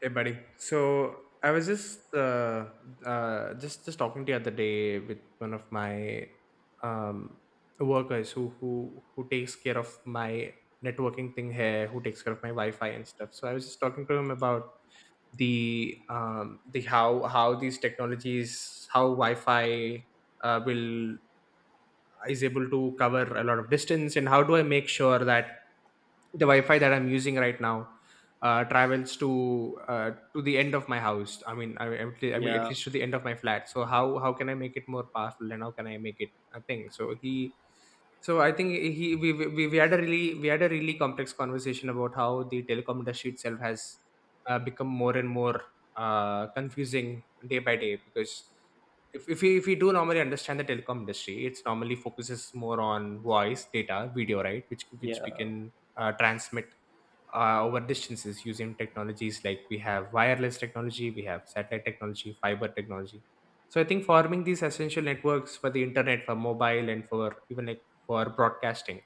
Hey, buddy. So I was just just talking the other day with one of my um, workers who takes care of my networking thing here, who takes care of my Wi-Fi and stuff. So I was just talking to him about the how these technologies, how Wi-Fi will is able to cover a lot of distance, and how do I make sure that the Wi-Fi that I'm using right now travels to the end of my house. I mean, at Yeah, least to the end of my flat. So how can I make it more powerful, and how can I make it a thing? So he so I think he we had a really complex conversation about how the telecom industry itself has become more and more confusing day by day because if we do normally understand the telecom industry, it's normally focuses more on voice, data, video, right? Which we yeah. can transmit over distances using technologies like we have wireless technology, we have satellite technology, fiber technology. So I think forming these essential networks for the internet, for mobile, and for even like for broadcasting,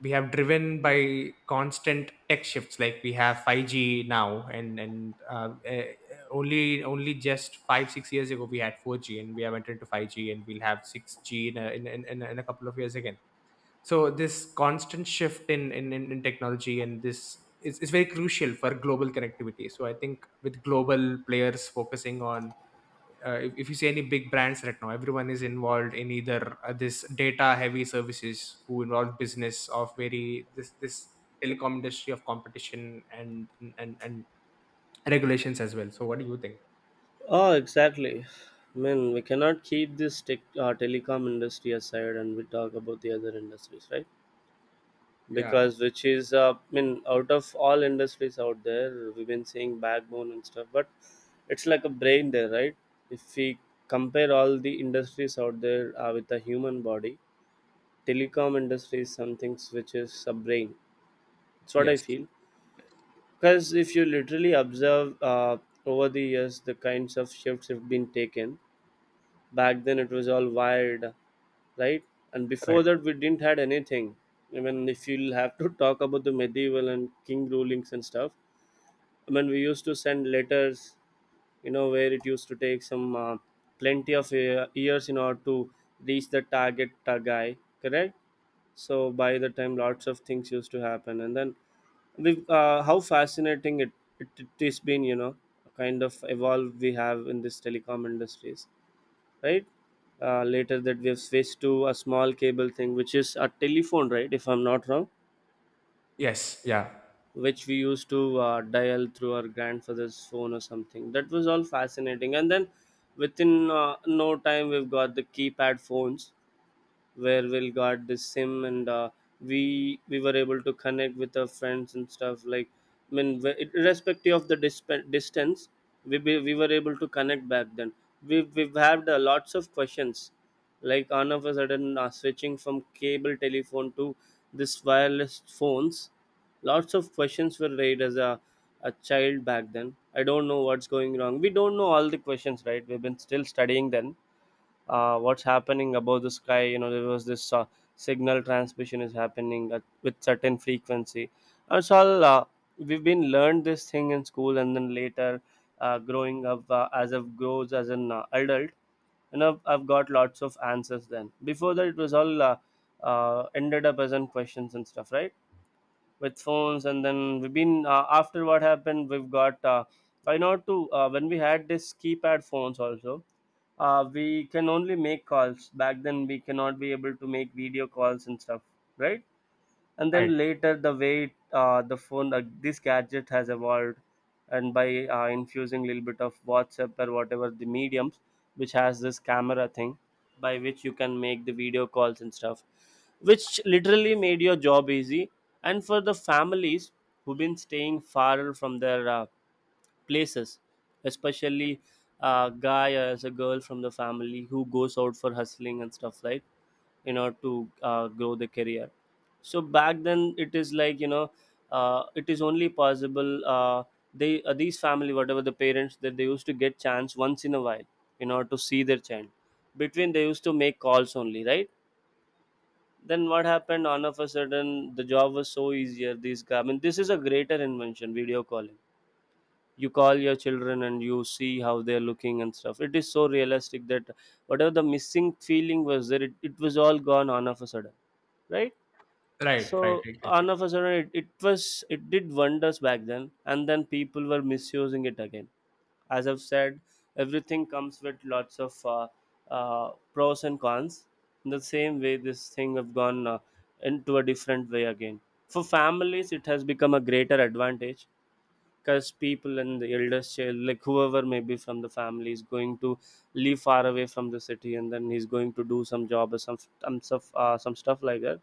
we have driven by constant tech shifts. Like we have 5G now, and only only just 5 6 years ago we had 4G, and we have entered into 5G, and we'll have 6G in a couple of years again. So this constant shift in technology, and this is very crucial for global connectivity. So I think with global players focusing on, if you see any big brands right now, everyone is involved in either this data heavy services who involve business of very this telecom industry of competition and and and regulations as well. So what do you think? Oh, exactly. I mean, we cannot keep this tech, telecom industry aside and we talk about the other industries, right? Yeah. Because which is, I mean, out of all industries out there, we've been seeing backbone and stuff, but it's like a brain there, right? If we compare all the industries out there with a human body, telecom industry is something which is a brain. It's what Yes. I feel. Because if you literally observe over the years, the kinds of shifts have been taken. Back then it was all wired, right, and Right. before that we didn't had anything. Even if you'll have to talk about the medieval and king rulings and stuff, I mean, we used to send letters, you know, where it used to take some plenty of years in order to reach the target guy, correct? So by the time lots of things used to happen, and then we how fascinating it has been, you know, kind of evolve we have in this telecom industries, right? Later that they've switched to a small cable thing which is a telephone, right, if I'm not wrong, Yes. Yeah. which we used to dial through our grandfather's phone or something. That was all fascinating, and then within no time we've got the keypad phones where we'll got the SIM, and we were able to connect with our friends and stuff. Like, I mean, irrespective of the distance, we were able to connect back then. We've had lots of questions, like all of a sudden switching from cable telephone to this wireless phones. Lots of questions were raised as a child back then. I don't know what's going wrong. We don't know all the questions, right? We've been still studying then. What's happening above the sky, you know? There was this signal transmission is happening at, with certain frequency, and so all we've been learned this thing in school, and then later growing up as of grows as an adult, you know, I've got lots of answers. Then before that it was all ended up as in questions and stuff, right? With phones, and then we've been after what happened we've got I know too when we had this keypad phones also we can only make calls back then. We cannot be able to make video calls and stuff, right? And Right. then later the way the phone this gadget has evolved, and by infusing a little bit of WhatsApp or whatever the mediums which has this camera thing by which you can make the video calls and stuff, which literally made your job easy, and for the families who've been staying far from their places, especially a guy as a girl from the family who goes out for hustling and stuff, like, you know, to grow the career. So back then it is, like, you know, it is only possible they these family, whatever the parents, that they used to get chance once in a while, you know, to see their child. Between, they used to make calls only, right? Then what happened, all of a sudden, the job was so easier. These, I mean, this is a greater invention, video calling. You call your children and you see how they're looking and stuff. It is so realistic that whatever the missing feeling was there, it was all gone all of a sudden, right? Right. Right. So Exactly. all of a sudden, it was it did wonders back then, and then people were misusing it again. As I've said, everything comes with lots of pros and cons. In the same way, this thing have gone into a different way again. For families, it has become a greater advantage because people and the eldest child, like whoever may be from the family, is going to live far away from the city, and then he's going to do some job or some stuff some stuff like that.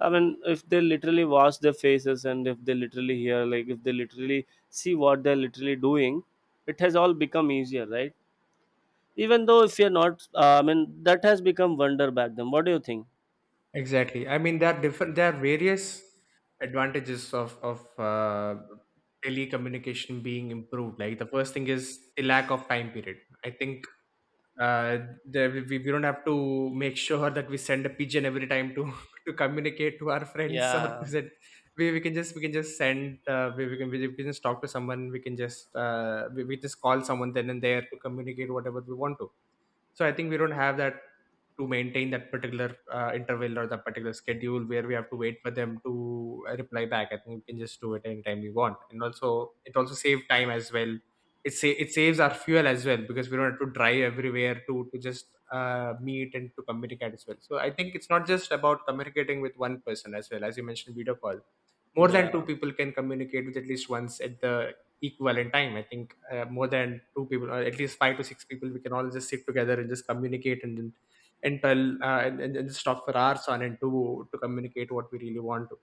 I mean, if they literally wash their faces, and if they literally hear, like, if they literally see what they're literally doing, it has all become easier, right? Even though if you're not I mean, that has become wonder back then. What do you think? Exactly. I mean, there are different. There are various advantages of telecommunication being improved. Like the first thing is the lack of time period. I think, uh, we don't have to make sure that we send a pigeon every time to to communicate to our friends or Yeah. is it, we can just send we can just talk to someone. We can just we just call someone then and there to communicate whatever we want to. So I think we don't have that to maintain that particular interval or that particular schedule where we have to wait for them to reply back. I think we can just do it anytime we want, and also it also saves time as well. It saves our fuel as well, because we don't have to drive everywhere to just meet and to communicate as well. So I think it's not just about communicating with one person. As well, as you mentioned, video call, more than two Yeah, people can communicate with at least once at the equivalent time. I think, more than two people or at least five to six people, we can all just sit together and just communicate, and then and tell, and just talk for hours on, and to communicate what we really want to.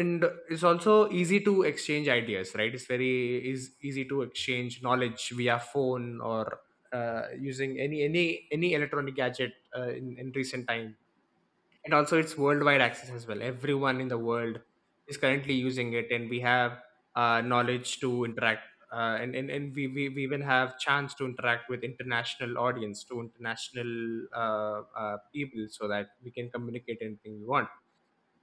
And it's also easy to exchange ideas, right? It's very, is easy to exchange knowledge via phone or, uh, using any electronic gadget in recent times. And also it's worldwide access as well. Everyone in the world is currently using it, and we have knowledge to interact, and we even have chance to interact with international audience, to international people, so that we can communicate anything we want.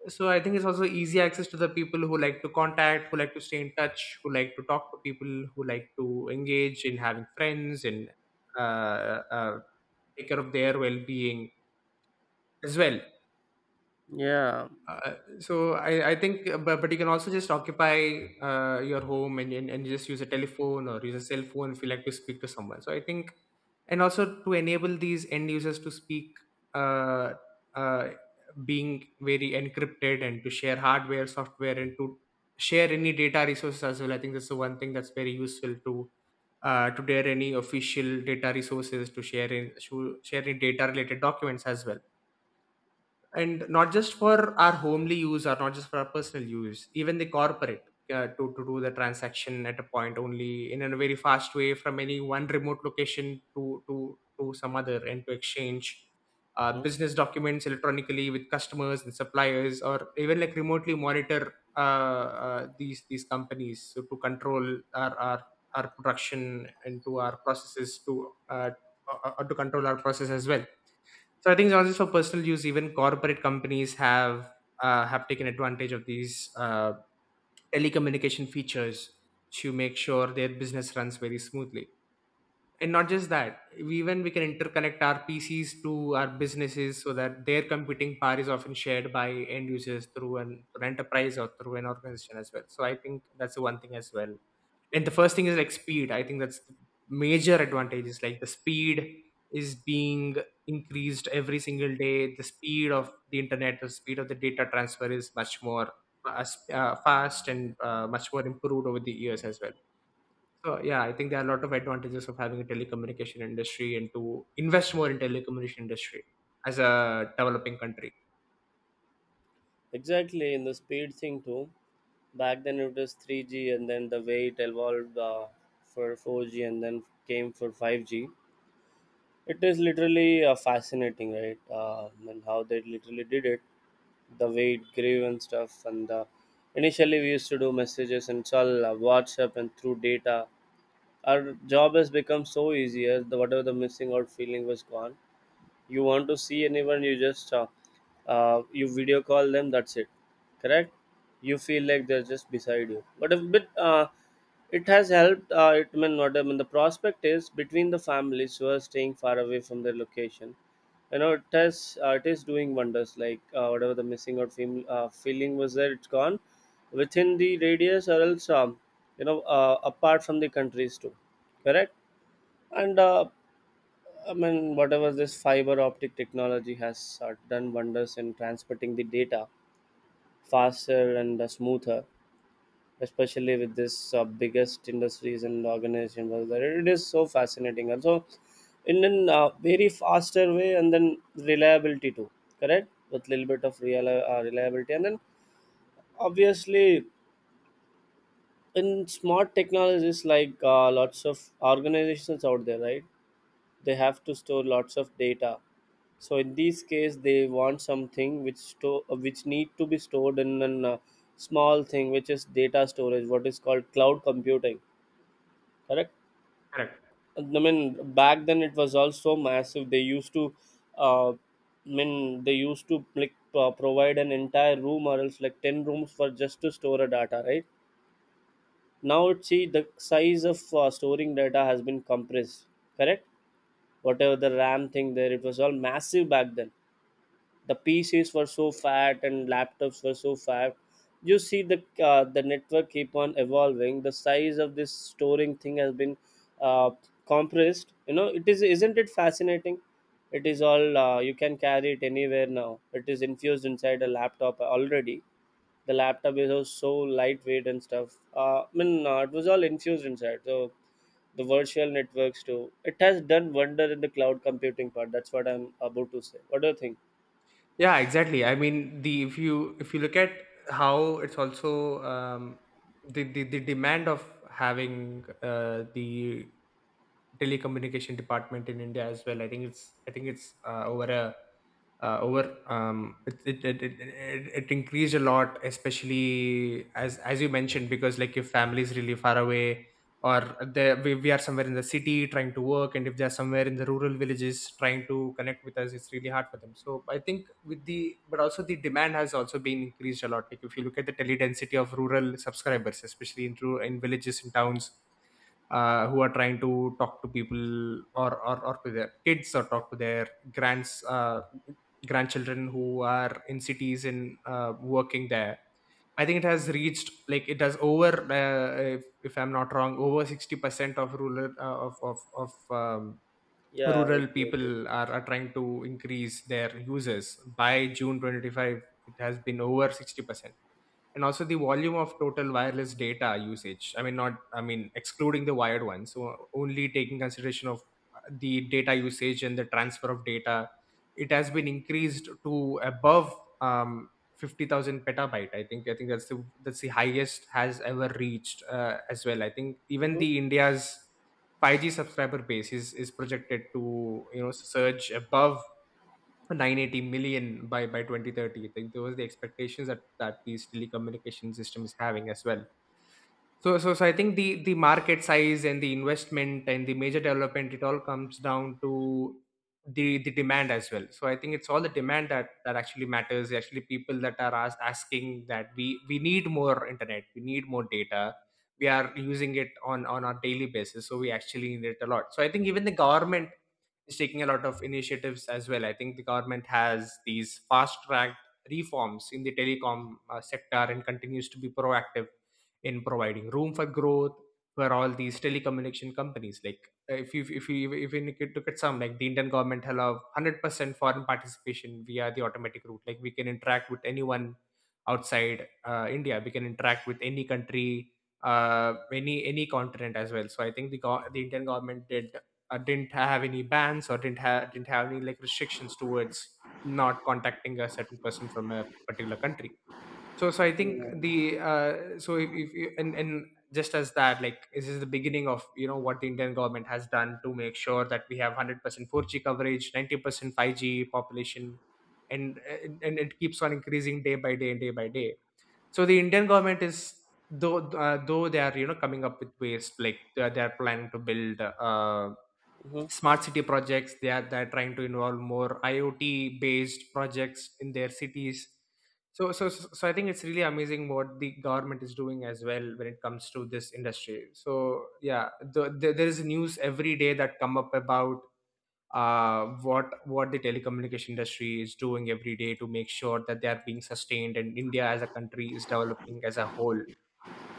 So I think it's also easy access to the people who like to contact, who like to stay in touch, who like to talk to people, who like to engage in having friends and, uh, uh, take care of their well-being as well. yeah. So I think, but you can also just occupy your home, and just use a telephone or use a cell phone if you like to speak to someone. So I think, and also to enable these end users to speak, uh, uh, being very encrypted, and to share hardware, software, and to share any data resources as well. I think that's the one thing that's very useful to, to dare any official data resources to share in, to share any data related documents as well. And not just for our homely use, or not just for our personal use, even the corporate, to do the transaction at a point only in a very fast way, from any one remote location to to some other, and to exchange Mhm. business documents electronically with customers and suppliers, or even like remotely monitor these companies, so to control our production, and to our processes to, to control our process as well. So I think not just for personal use, even corporate companies have, have taken advantage of these telecommunication features to make sure their business runs very smoothly. And not just that, we- even we can interconnect our PCs to our businesses, so that their computing power is often shared by end users through through an enterprise, or through an organization as well. So I think that's the one thing as well. And the first thing is like speed. I think that's the major advantage, is like the speed is being increased every single day. The speed of the internet, the speed of the data transfer is much more fast, fast and much more improved over the years as well. So yeah, I think there are a lot of advantages of having a telecommunication industry, and to invest more in telecommunication industry as a developing country. Exactly, in the speed thing too. Back then it was 3G, and then the way it evolved for 4G, and then came for 5G. It is literally fascinating, right? And how they literally did it, the way it grew and stuff. And initially, we used to do messages, and it's all WhatsApp and through data. Our job has become so easier. The whatever the missing out feeling was gone. You want to see anyone, you just you video call them. That's it. Correct. You feel like they're just beside you. But a bit, it has helped. It may not. I mean, the prospect is between the families who are staying far away from their location. You know, it has it is doing wonders. Like, whatever the missing out feeling was there, it's gone within the radius, or else you know, apart from the countries too. Correct. And I mean, whatever this fiber optic technology has done wonders in transmitting the data faster and smoother, especially with this biggest industries and organization was there. It is so fascinating. Also, in a very faster way, and then reliability too. Correct, with little bit of real reliability, and then obviously in smart technologies, like, lots of organizations out there, right? They have to store lots of data. So in this case, they want something which store which need to be stored in a small thing, which is data storage, what is called cloud computing. Correct. Correct. I mean, back then it was also massive. They used to, I mean, they used to, like, provide an entire room or else like ten rooms for just to store a data, right? Now it see the size of storing data has been compressed. Correct. Whatever the RAM thing there, it was all massive back then. The PCs were so fat and laptops were so fat. You see the network keep on evolving, the size of this storing thing has been uh, compressed, you know. It is, isn't it fascinating? It is all you can carry it anywhere now. It is infused inside a laptop already. The laptop is also so lightweight and stuff. I mean, it was all infused inside. So the virtual networks too, it has done wonder in the cloud computing part. That's what I'm about to say. What do you think? Yeah, exactly. I mean, the if you look at how it's also the the demand of having the telecommunication department in India as well. I think it's, I think it's over a, over it, it, it, it, it it increased a lot, especially as you mentioned, because like if family is really far away, or they, we are somewhere in the city trying to work, and if they're somewhere in the rural villages trying to connect with us, it's really hard for them. So I think with the, but also the demand has also been increased a lot. Like if you look at the tele density of rural subscribers, especially in rural, in villages and towns, who are trying to talk to people or to their kids, or talk to their grands, grandchildren who are in cities and working there. I think it has reached, like it has over, if I'm not wrong, over 60% of rural, of Yeah, rural that's what I people are trying to increase their users by june 2025. It has been over 60%. And also the volume of total wireless data usage, I mean, not, I mean, excluding the wired one, so only taking consideration of the data usage and the transfer of data, it has been increased to above, um, 50,000 petabyte. I think, I think that's the, that's the highest has ever reached as well. I think think. even Mhm. the india's 5G subscriber base is projected to, you know, surge above 980 million by 2030. I think those are the expectations that that these telecommunication system is having as well. So I think the market size, and the investment, and the major development, it all comes down to the demand as well. So I think it's all the demand that that actually matters. Actually, people that are asking that we need more internet, we need more data. We are using it on our daily basis, so we actually need it a lot. So I think even the government is taking a lot of initiatives as well. I think the government has these fast track reforms in the telecom sector, and continues to be proactive in providing room for growth for all these telecommunication companies. Like, if you look at, some like the Indian government allow 100% foreign participation via the automatic route. Like we can interact with anyone outside India. We can interact with any country any continent as well. So I think the Indian government did, didn't have any bans or didn't have any, like, restrictions towards not contacting a certain person from a particular country. So I think Yeah. the so if you and just as that, like, this is the beginning of what the Indian government has done to make sure that we have 100% 4G coverage, 90% 5G population, and it keeps on increasing day by day and day by day. So the Indian government is, though though they are, coming up with ways. Like, they are planning to build Mhm. smart city projects. They're trying to involve more IoT based projects in their cities. So I think it's really amazing what the government is doing as well when it comes to this industry. So yeah, there is news every day that come up about, what the telecommunication industry is doing every day to make sure that they are being sustained, and India as a country is developing as a whole.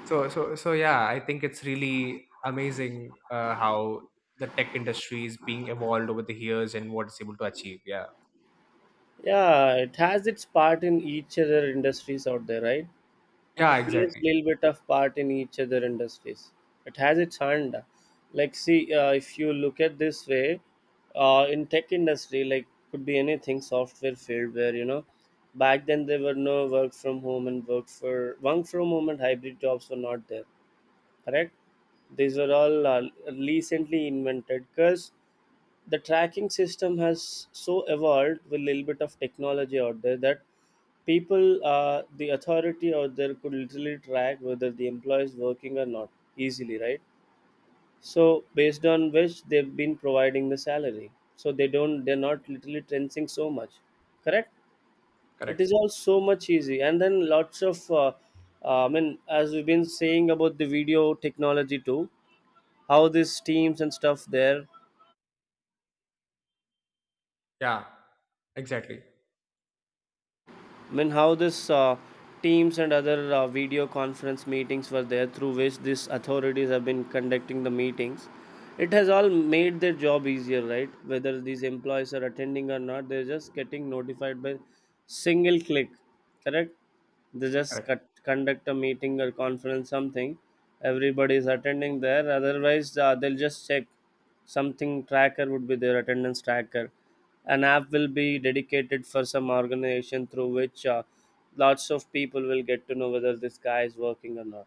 So yeah, I think it's really amazing, how the tech industry is being evolved over the years and what it's able to achieve. Yeah. Yeah, it has its part in each other industries out there, right? Yeah, It plays exactly. little bit of part in each other industries. It has its hand. Like, see, if you look at this way, in tech industry, like, could be anything software field where, you know, back then there were no work from home and work from home and hybrid jobs were not there, correct? These were all recently invented because the tracking system has so evolved with a little bit of technology out there that people the authority out there could literally track whether the employee is working or not easily, right? So based on which they've been providing the salary, so they don't, they're not literally trensing so much, correct? It is Correct. all so much easy, and then lots of I mean, as we've been saying about the video technology too, how these teams and stuff there. Yeah. Exactly. I mean, how this teams and other video conference meetings were there, through which these authorities have been conducting the meetings. It has all made their job easier, right? Whether these employees are attending or not, they're just getting notified by single click, correct? They just Correct. conduct a meeting or conference, something. Everybody is attending there. Otherwise, they'll just check something tracker would be their attendance tracker, an app will be dedicated for some organization through which lots of people will get to know whether this guy is working or not,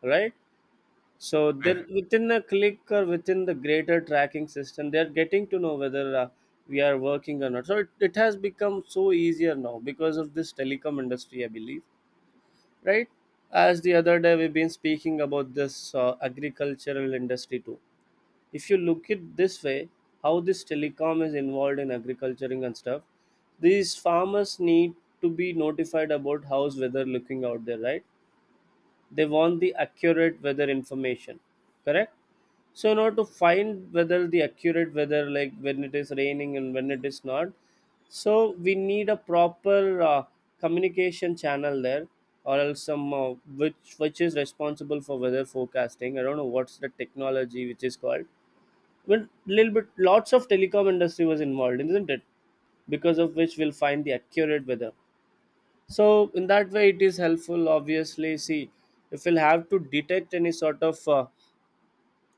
right? So Right. they're within a click or within the greater tracking system, they're getting to know whether we are working or not. So it has become so easier now because of this telecom industry, I believe, right? As the other day we've been speaking about this agricultural industry too, if you look it this way, how this telecom is involved in agriculturing and stuff. These farmers need to be notified about how's weather looking out there, right? They want the accurate weather information, correct? So in order to find whether the accurate weather, like when it is raining and when it is not, so we need a proper communication channel there, or else some which is responsible for weather forecasting, I don't know what's the technology which is called. Well, little bit lots of telecom industry was involved, isn't it? Because of which we'll find the accurate weather. So in that way it is helpful, obviously. See, if we'll have to detect any sort of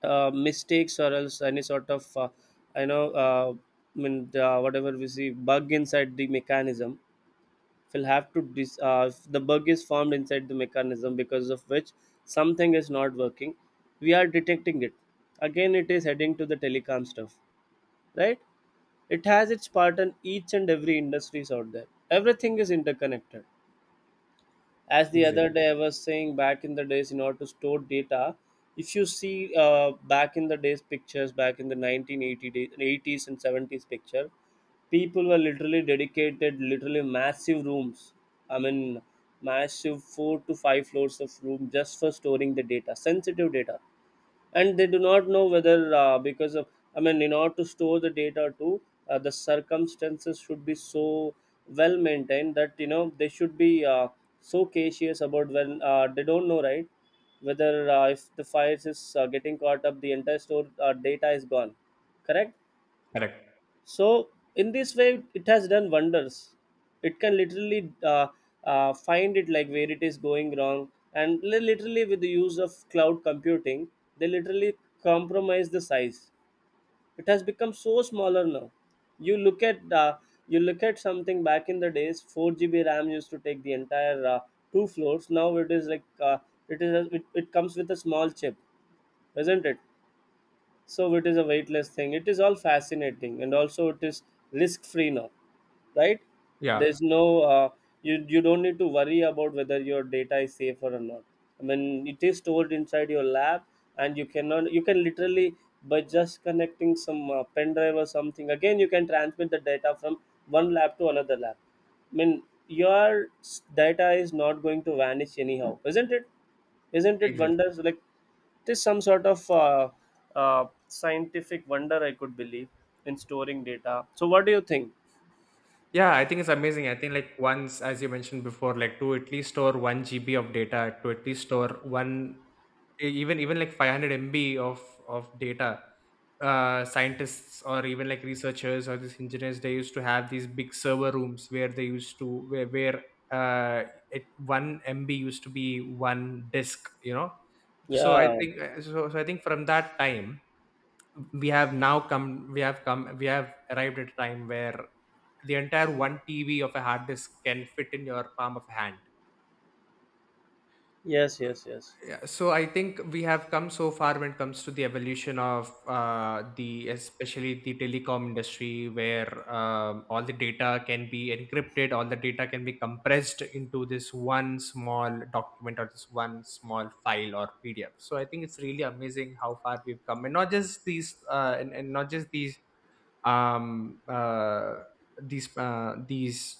mistakes or else any sort of I know, I mean the, whatever we see bug inside the mechanism, we'll have to if the bug is formed inside the mechanism because of which something is not working, we are detecting it. Again it is heading to the telecom stuff, right? It has its part in each and every industries out there. Everything is interconnected. As the other Exactly. day I was saying, back in the days, in order to store data, if you see back in the days pictures, back in the 1980 days, 80s and 70s picture, people were literally dedicated literally massive rooms, I mean massive 4 to 5 floors of room just for storing the data, sensitive data. And they do not know whether because of, I mean in order to store the data too, the circumstances should be so well maintained that, you know, they should be so cautious about when they don't know, right? Whether if the fires is getting caught up, the entire store data is gone, correct? Correct. So in this way, it has done wonders. It can literally find it like where it is going wrong, and literally with the use of cloud computing, they literally compromise the size. It has become so smaller now. You look at uh, you look at something back in the days, 4 GB RAM used to take the entire two floors. Now it is like it comes with a small chip, isn't it? So it is a weightless thing, it is all fascinating, and also it is risk free now, right? Yeah. There's no you don't need to worry about whether your data is safe or not. I mean, it is stored inside your lab, and you cannot you can literally, by just connecting some pen drive or something, again you can transmit the data from one lab to another lab. I mean, your data is not going to vanish anyhow, isn't it? Isn't it Exactly. wonders like this? Some sort of scientific wonder I could believe in storing data. So, what do you think? Yeah, I think it's amazing. I think, like, once, as you mentioned before, like, to at least store 1 GB of data, to at least store one, even like 500 MB of data. Scientists or even, like, researchers or these engineers, they used to have these big server rooms where they used to where uh, it 1 MB used to be one disk, you know. So I Yeah. think, from that time we have now come we have arrived at a time where the entire 1 TB of a hard disk can fit in your palm of hand. Yes. Yes. Yes. Yeah, so I think we have come so far when it comes to the evolution of, especially the telecom industry, where all the data can be encrypted, all the data can be compressed into this one small document or this one small file or PDF. So I think it's really amazing how far we've come, and not just these, um, uh, these, uh, these.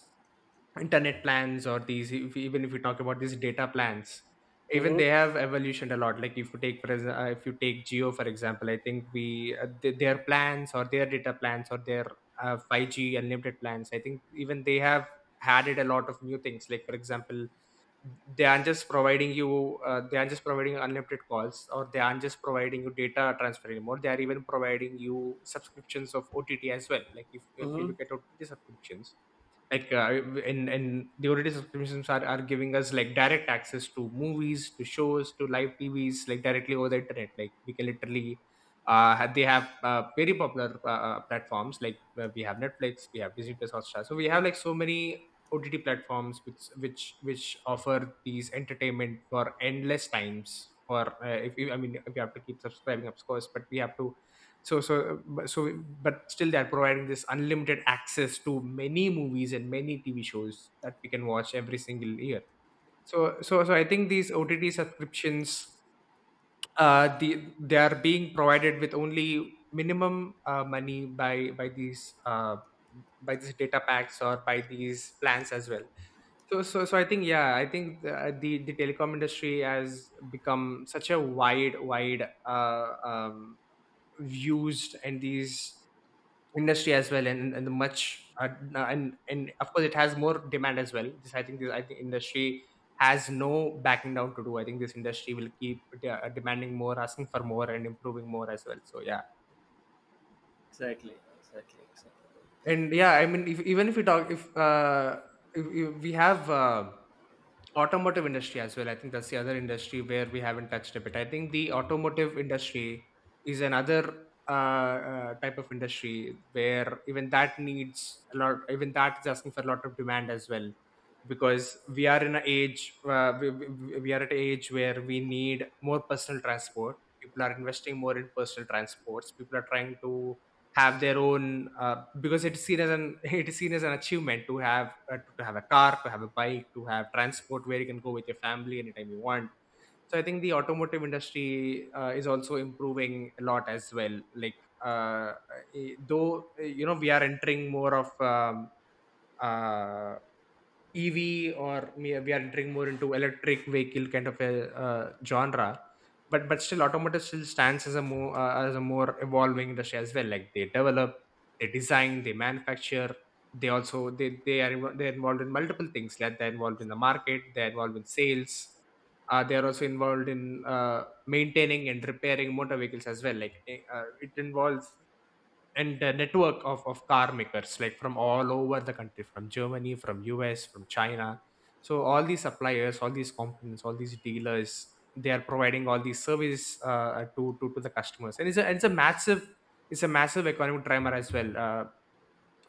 internet plans or these, if, even if we talk about these data plans, even Mm-hmm. they have evolutioned a lot. Like, if you take geo, for example. I think their plans, or their data plans, or their, 5G unlimited plans. I think even they have added a lot of new things, like, for example, they aren't just providing you, they aren't just providing unlimited calls, or they aren't just providing you data transfer anymore. They are even providing you subscriptions of OTT as well. Like, if you Mm-hmm. look at OTT subscriptions, like, in and the ott subscriptions are giving us, like, direct access to movies, to shows, to live TVs, like, directly over the internet. Like, we can literally, they have, very popular, platforms, like, we have Netflix, we have Disney Plus, Hotstar. So we have, like, so many OTT platforms which offer these entertainment for endless times. Or, if you — I mean, if you have to keep subscribing, of course, but we have to. But still, they're providing this unlimited access to many movies and many TV shows that we can watch every single year. So, I think these OTT subscriptions, they are being provided with only minimum, money, by these data packs or by these plans as well. So, I think, yeah, I think the telecom industry has become such a wide, wide, used in these industry as well, and the much, and of course, it has more demand as well. This, I think, industry has no backing down to do. I think this industry will keep demanding more, asking for more, and improving more as well. So, yeah. Exactly, exactly, exactly. And yeah, I mean, if, even if we talk, if we have, automotive industry as well. I think that's the other industry where we haven't touched a bit. I think the automotive industry is another, type of industry, where even that needs a lot, even that is asking for a lot of demand as well. Because we are in an age, where we need more personal transport. People are investing more in personal transports. People are trying to have their own, because it's seen as an it is seen as an achievement to have, to have a car, to have a bike, to have transport where you can go with your family anytime you want. So I think the automotive industry, is also improving a lot as well. Like, uh, though we are entering more of, uh, EV, we are entering more into electric vehicle kind of a, genre. But still, automotive still stands as a more, evolving industry as well. Like, they develop, they design, they manufacture. They're involved in multiple things. Like, they're involved in the market, they're involved in sales. They are also involved in, maintaining and repairing motor vehicles as well. Like, it involves, and the network of car makers, like, from all over the country, from Germany, from US, from China. So all these suppliers, all these components, all these dealers, they are providing all these service, to the customers. And it's a massive economic driver as well, uh,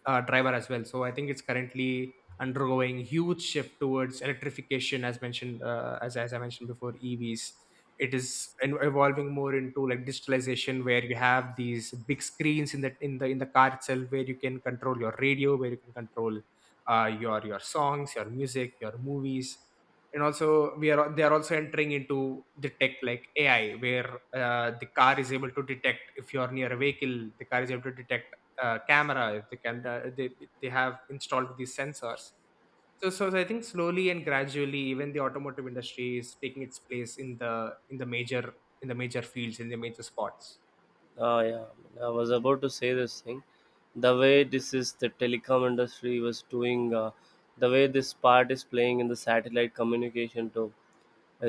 uh, driver as well so I think it's currently undergoing huge shift towards electrification as mentioned, as I mentioned before, EVs. It is evolving more into, like, digitalization, where you have these big screens in the car itself, where you can control your radio, where you can control, your songs, your music, your movies. And also, we are they are also entering into the tech, like, AI, where, the car is able to detect if you are near a vehicle. The car is able to detect, camera, if they can, they have installed these sensors. So, I think, slowly and gradually, even the automotive industry is taking its place in the major fields, in the major spots. Oh yeah, I was about to say this thing. The way this is the telecom industry was doing, the way this part is playing in the satellite communication too.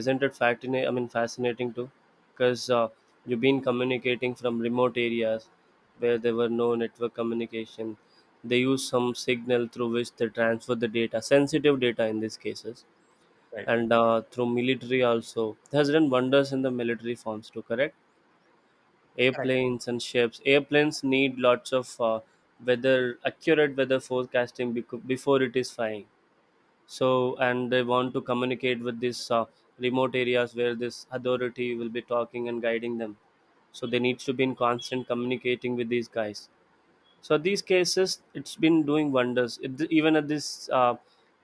Isn't it fascinating? I mean, fascinating too, because you've been communicating from remote areas where there were no network communication. They use some signal through which they transfer the data, sensitive data in these cases, Right. and through military also. It has done wonders in the military forms too. Correct? Correct. Airplanes and ships. Airplanes need lots of weather accurate weather forecasting before it is flying. So and they want to communicate with these remote areas where this authority will be talking and guiding them, so they needs to be in constant communicating with these guys. So these cases, it's been doing wonders. It, even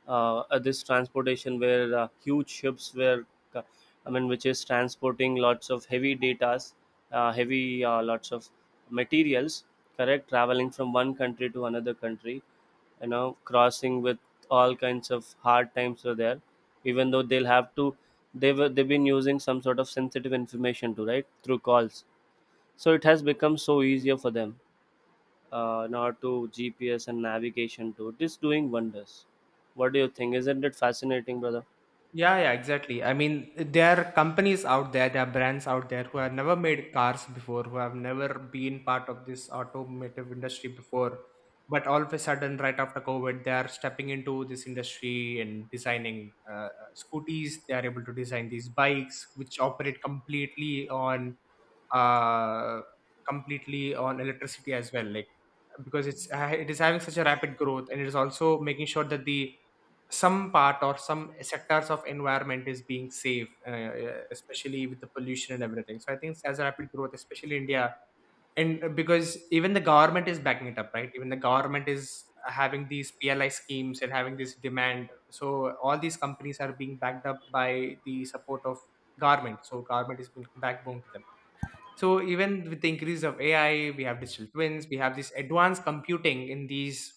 at this transportation, where huge ships were, uh, I mean, which is transporting lots of heavy datas, heavy lots of materials, correct, traveling from one country to another country, you know, crossing with all kinds of hard times are there. Even though they'll have to, they've been using some sort of sensitive information to right through calls. So it has become so easier for them now. To GPS and navigation too, it is doing wonders. What do you think? Isn't it fascinating, brother? Yeah, yeah, exactly. I mean, there are companies out there, there are brands out there, who have never made cars before, who have never been part of this automotive industry before, but all of a sudden, right after COVID, they are stepping into this industry and designing, scooties. They are able to design these bikes, which operate completely on, uh, electricity as well. Like, because it is having such a rapid growth, and it is also making sure that the some part or some sectors of environment is being safe, especially with the pollution and everything. So I think as rapid growth, especially India. And, because even the government is backing it up, right, even the government is having these PLI schemes and having this demand. So all these companies are being backed up by the support of government. So government is being backbone to them. So even with the increase of AI, we have digital twins, we have this advanced computing in these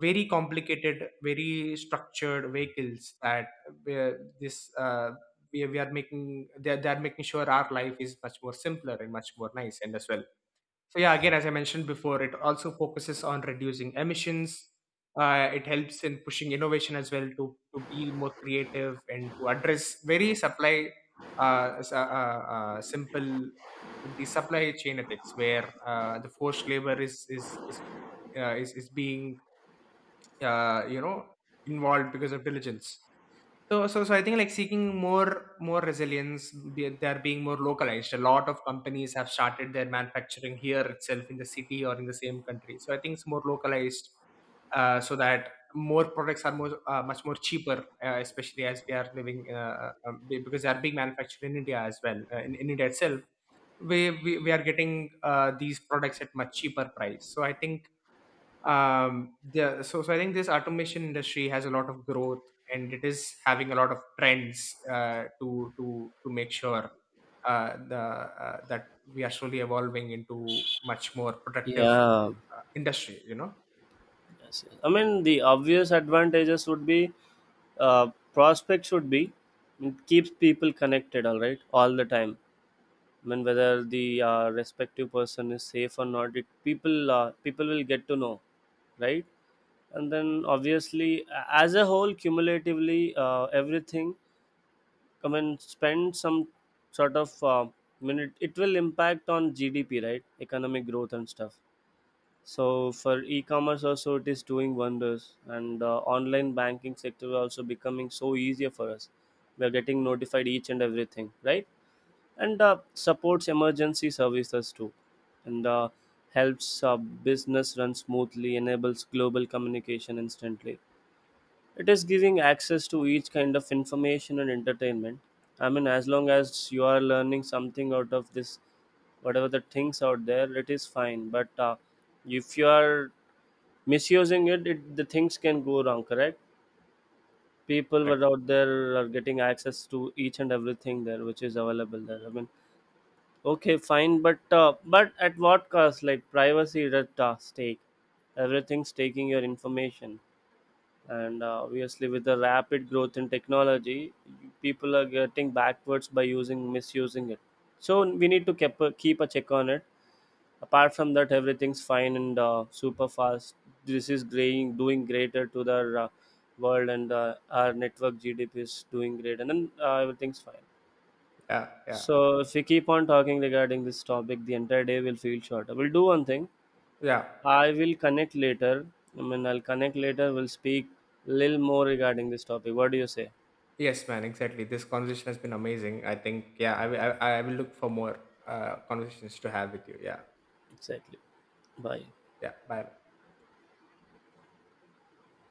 very complicated, very structured vehicles that, uh, this we are making they are making sure our life is much more simpler and much more nice and as well. So yeah, again, as I mentioned before, it also focuses on reducing emissions. It helps in pushing innovation as well, to be more creative and to address, very supply s- simple the supply chain ethics, where, the forced labor is being, uh, you know involved because of diligence. So, I think, like, seeking more resilience, they're being more localized. A lot of companies have started their manufacturing here itself, in the city or in the same country. So I think it's more localized, so that more products are more much more cheaper, especially as we are living, because they are being manufactured in India as well. In India itself, we are getting, these products at much cheaper price. So I think, yeah, so I think this automation industry has a lot of growth, and it is having a lot of trends, to make sure, the that we are slowly evolving into much more productive, Yeah, industry. yes, yes. I mean, the obvious advantages would be prospect should be, it keeps people connected, all right, all the time. I mean, whether the respective person is safe or not, it, people people will get to know, right? And then obviously, as a whole, cumulatively, everything come and spend some sort of minute, it will impact on GDP, right? Economic growth and stuff. So for e-commerce also it is doing wonders, and online banking sector is also becoming so easier for us. We are getting notified each and everything, right? And supports emergency services too, and helps business run smoothly, enables global communication instantly. It is giving access to each kind of information and entertainment. I mean, as long as you are learning something out of this, whatever the things out there, it is fine. But if you are misusing it, it, the things can go wrong, correct? People Correct. were out there are getting access to each and everything there, which is available there. I mean, okay, fine, but at what cost? Like privacy is at stake. Everything's taking your information, and obviously with the rapid growth in technology, people are getting backwards by using misusing it. So we need to keep a, keep a check on it. Apart from that everything's fine and super fast. This is growing doing greater to the world, and our network GDP is doing great, and then everything's fine. Yeah, yeah. So if we keep on talking regarding this topic, the entire day will feel shorter. We'll do one thing, yeah I will connect later. I mean, I'll connect later. We'll speak a little more regarding this topic. What do you say? yes, man, exactly. This conversation has been amazing. I think, yeah, I will look for more, conversations to have with you. Yeah. Exactly. Bye. Yeah, bye.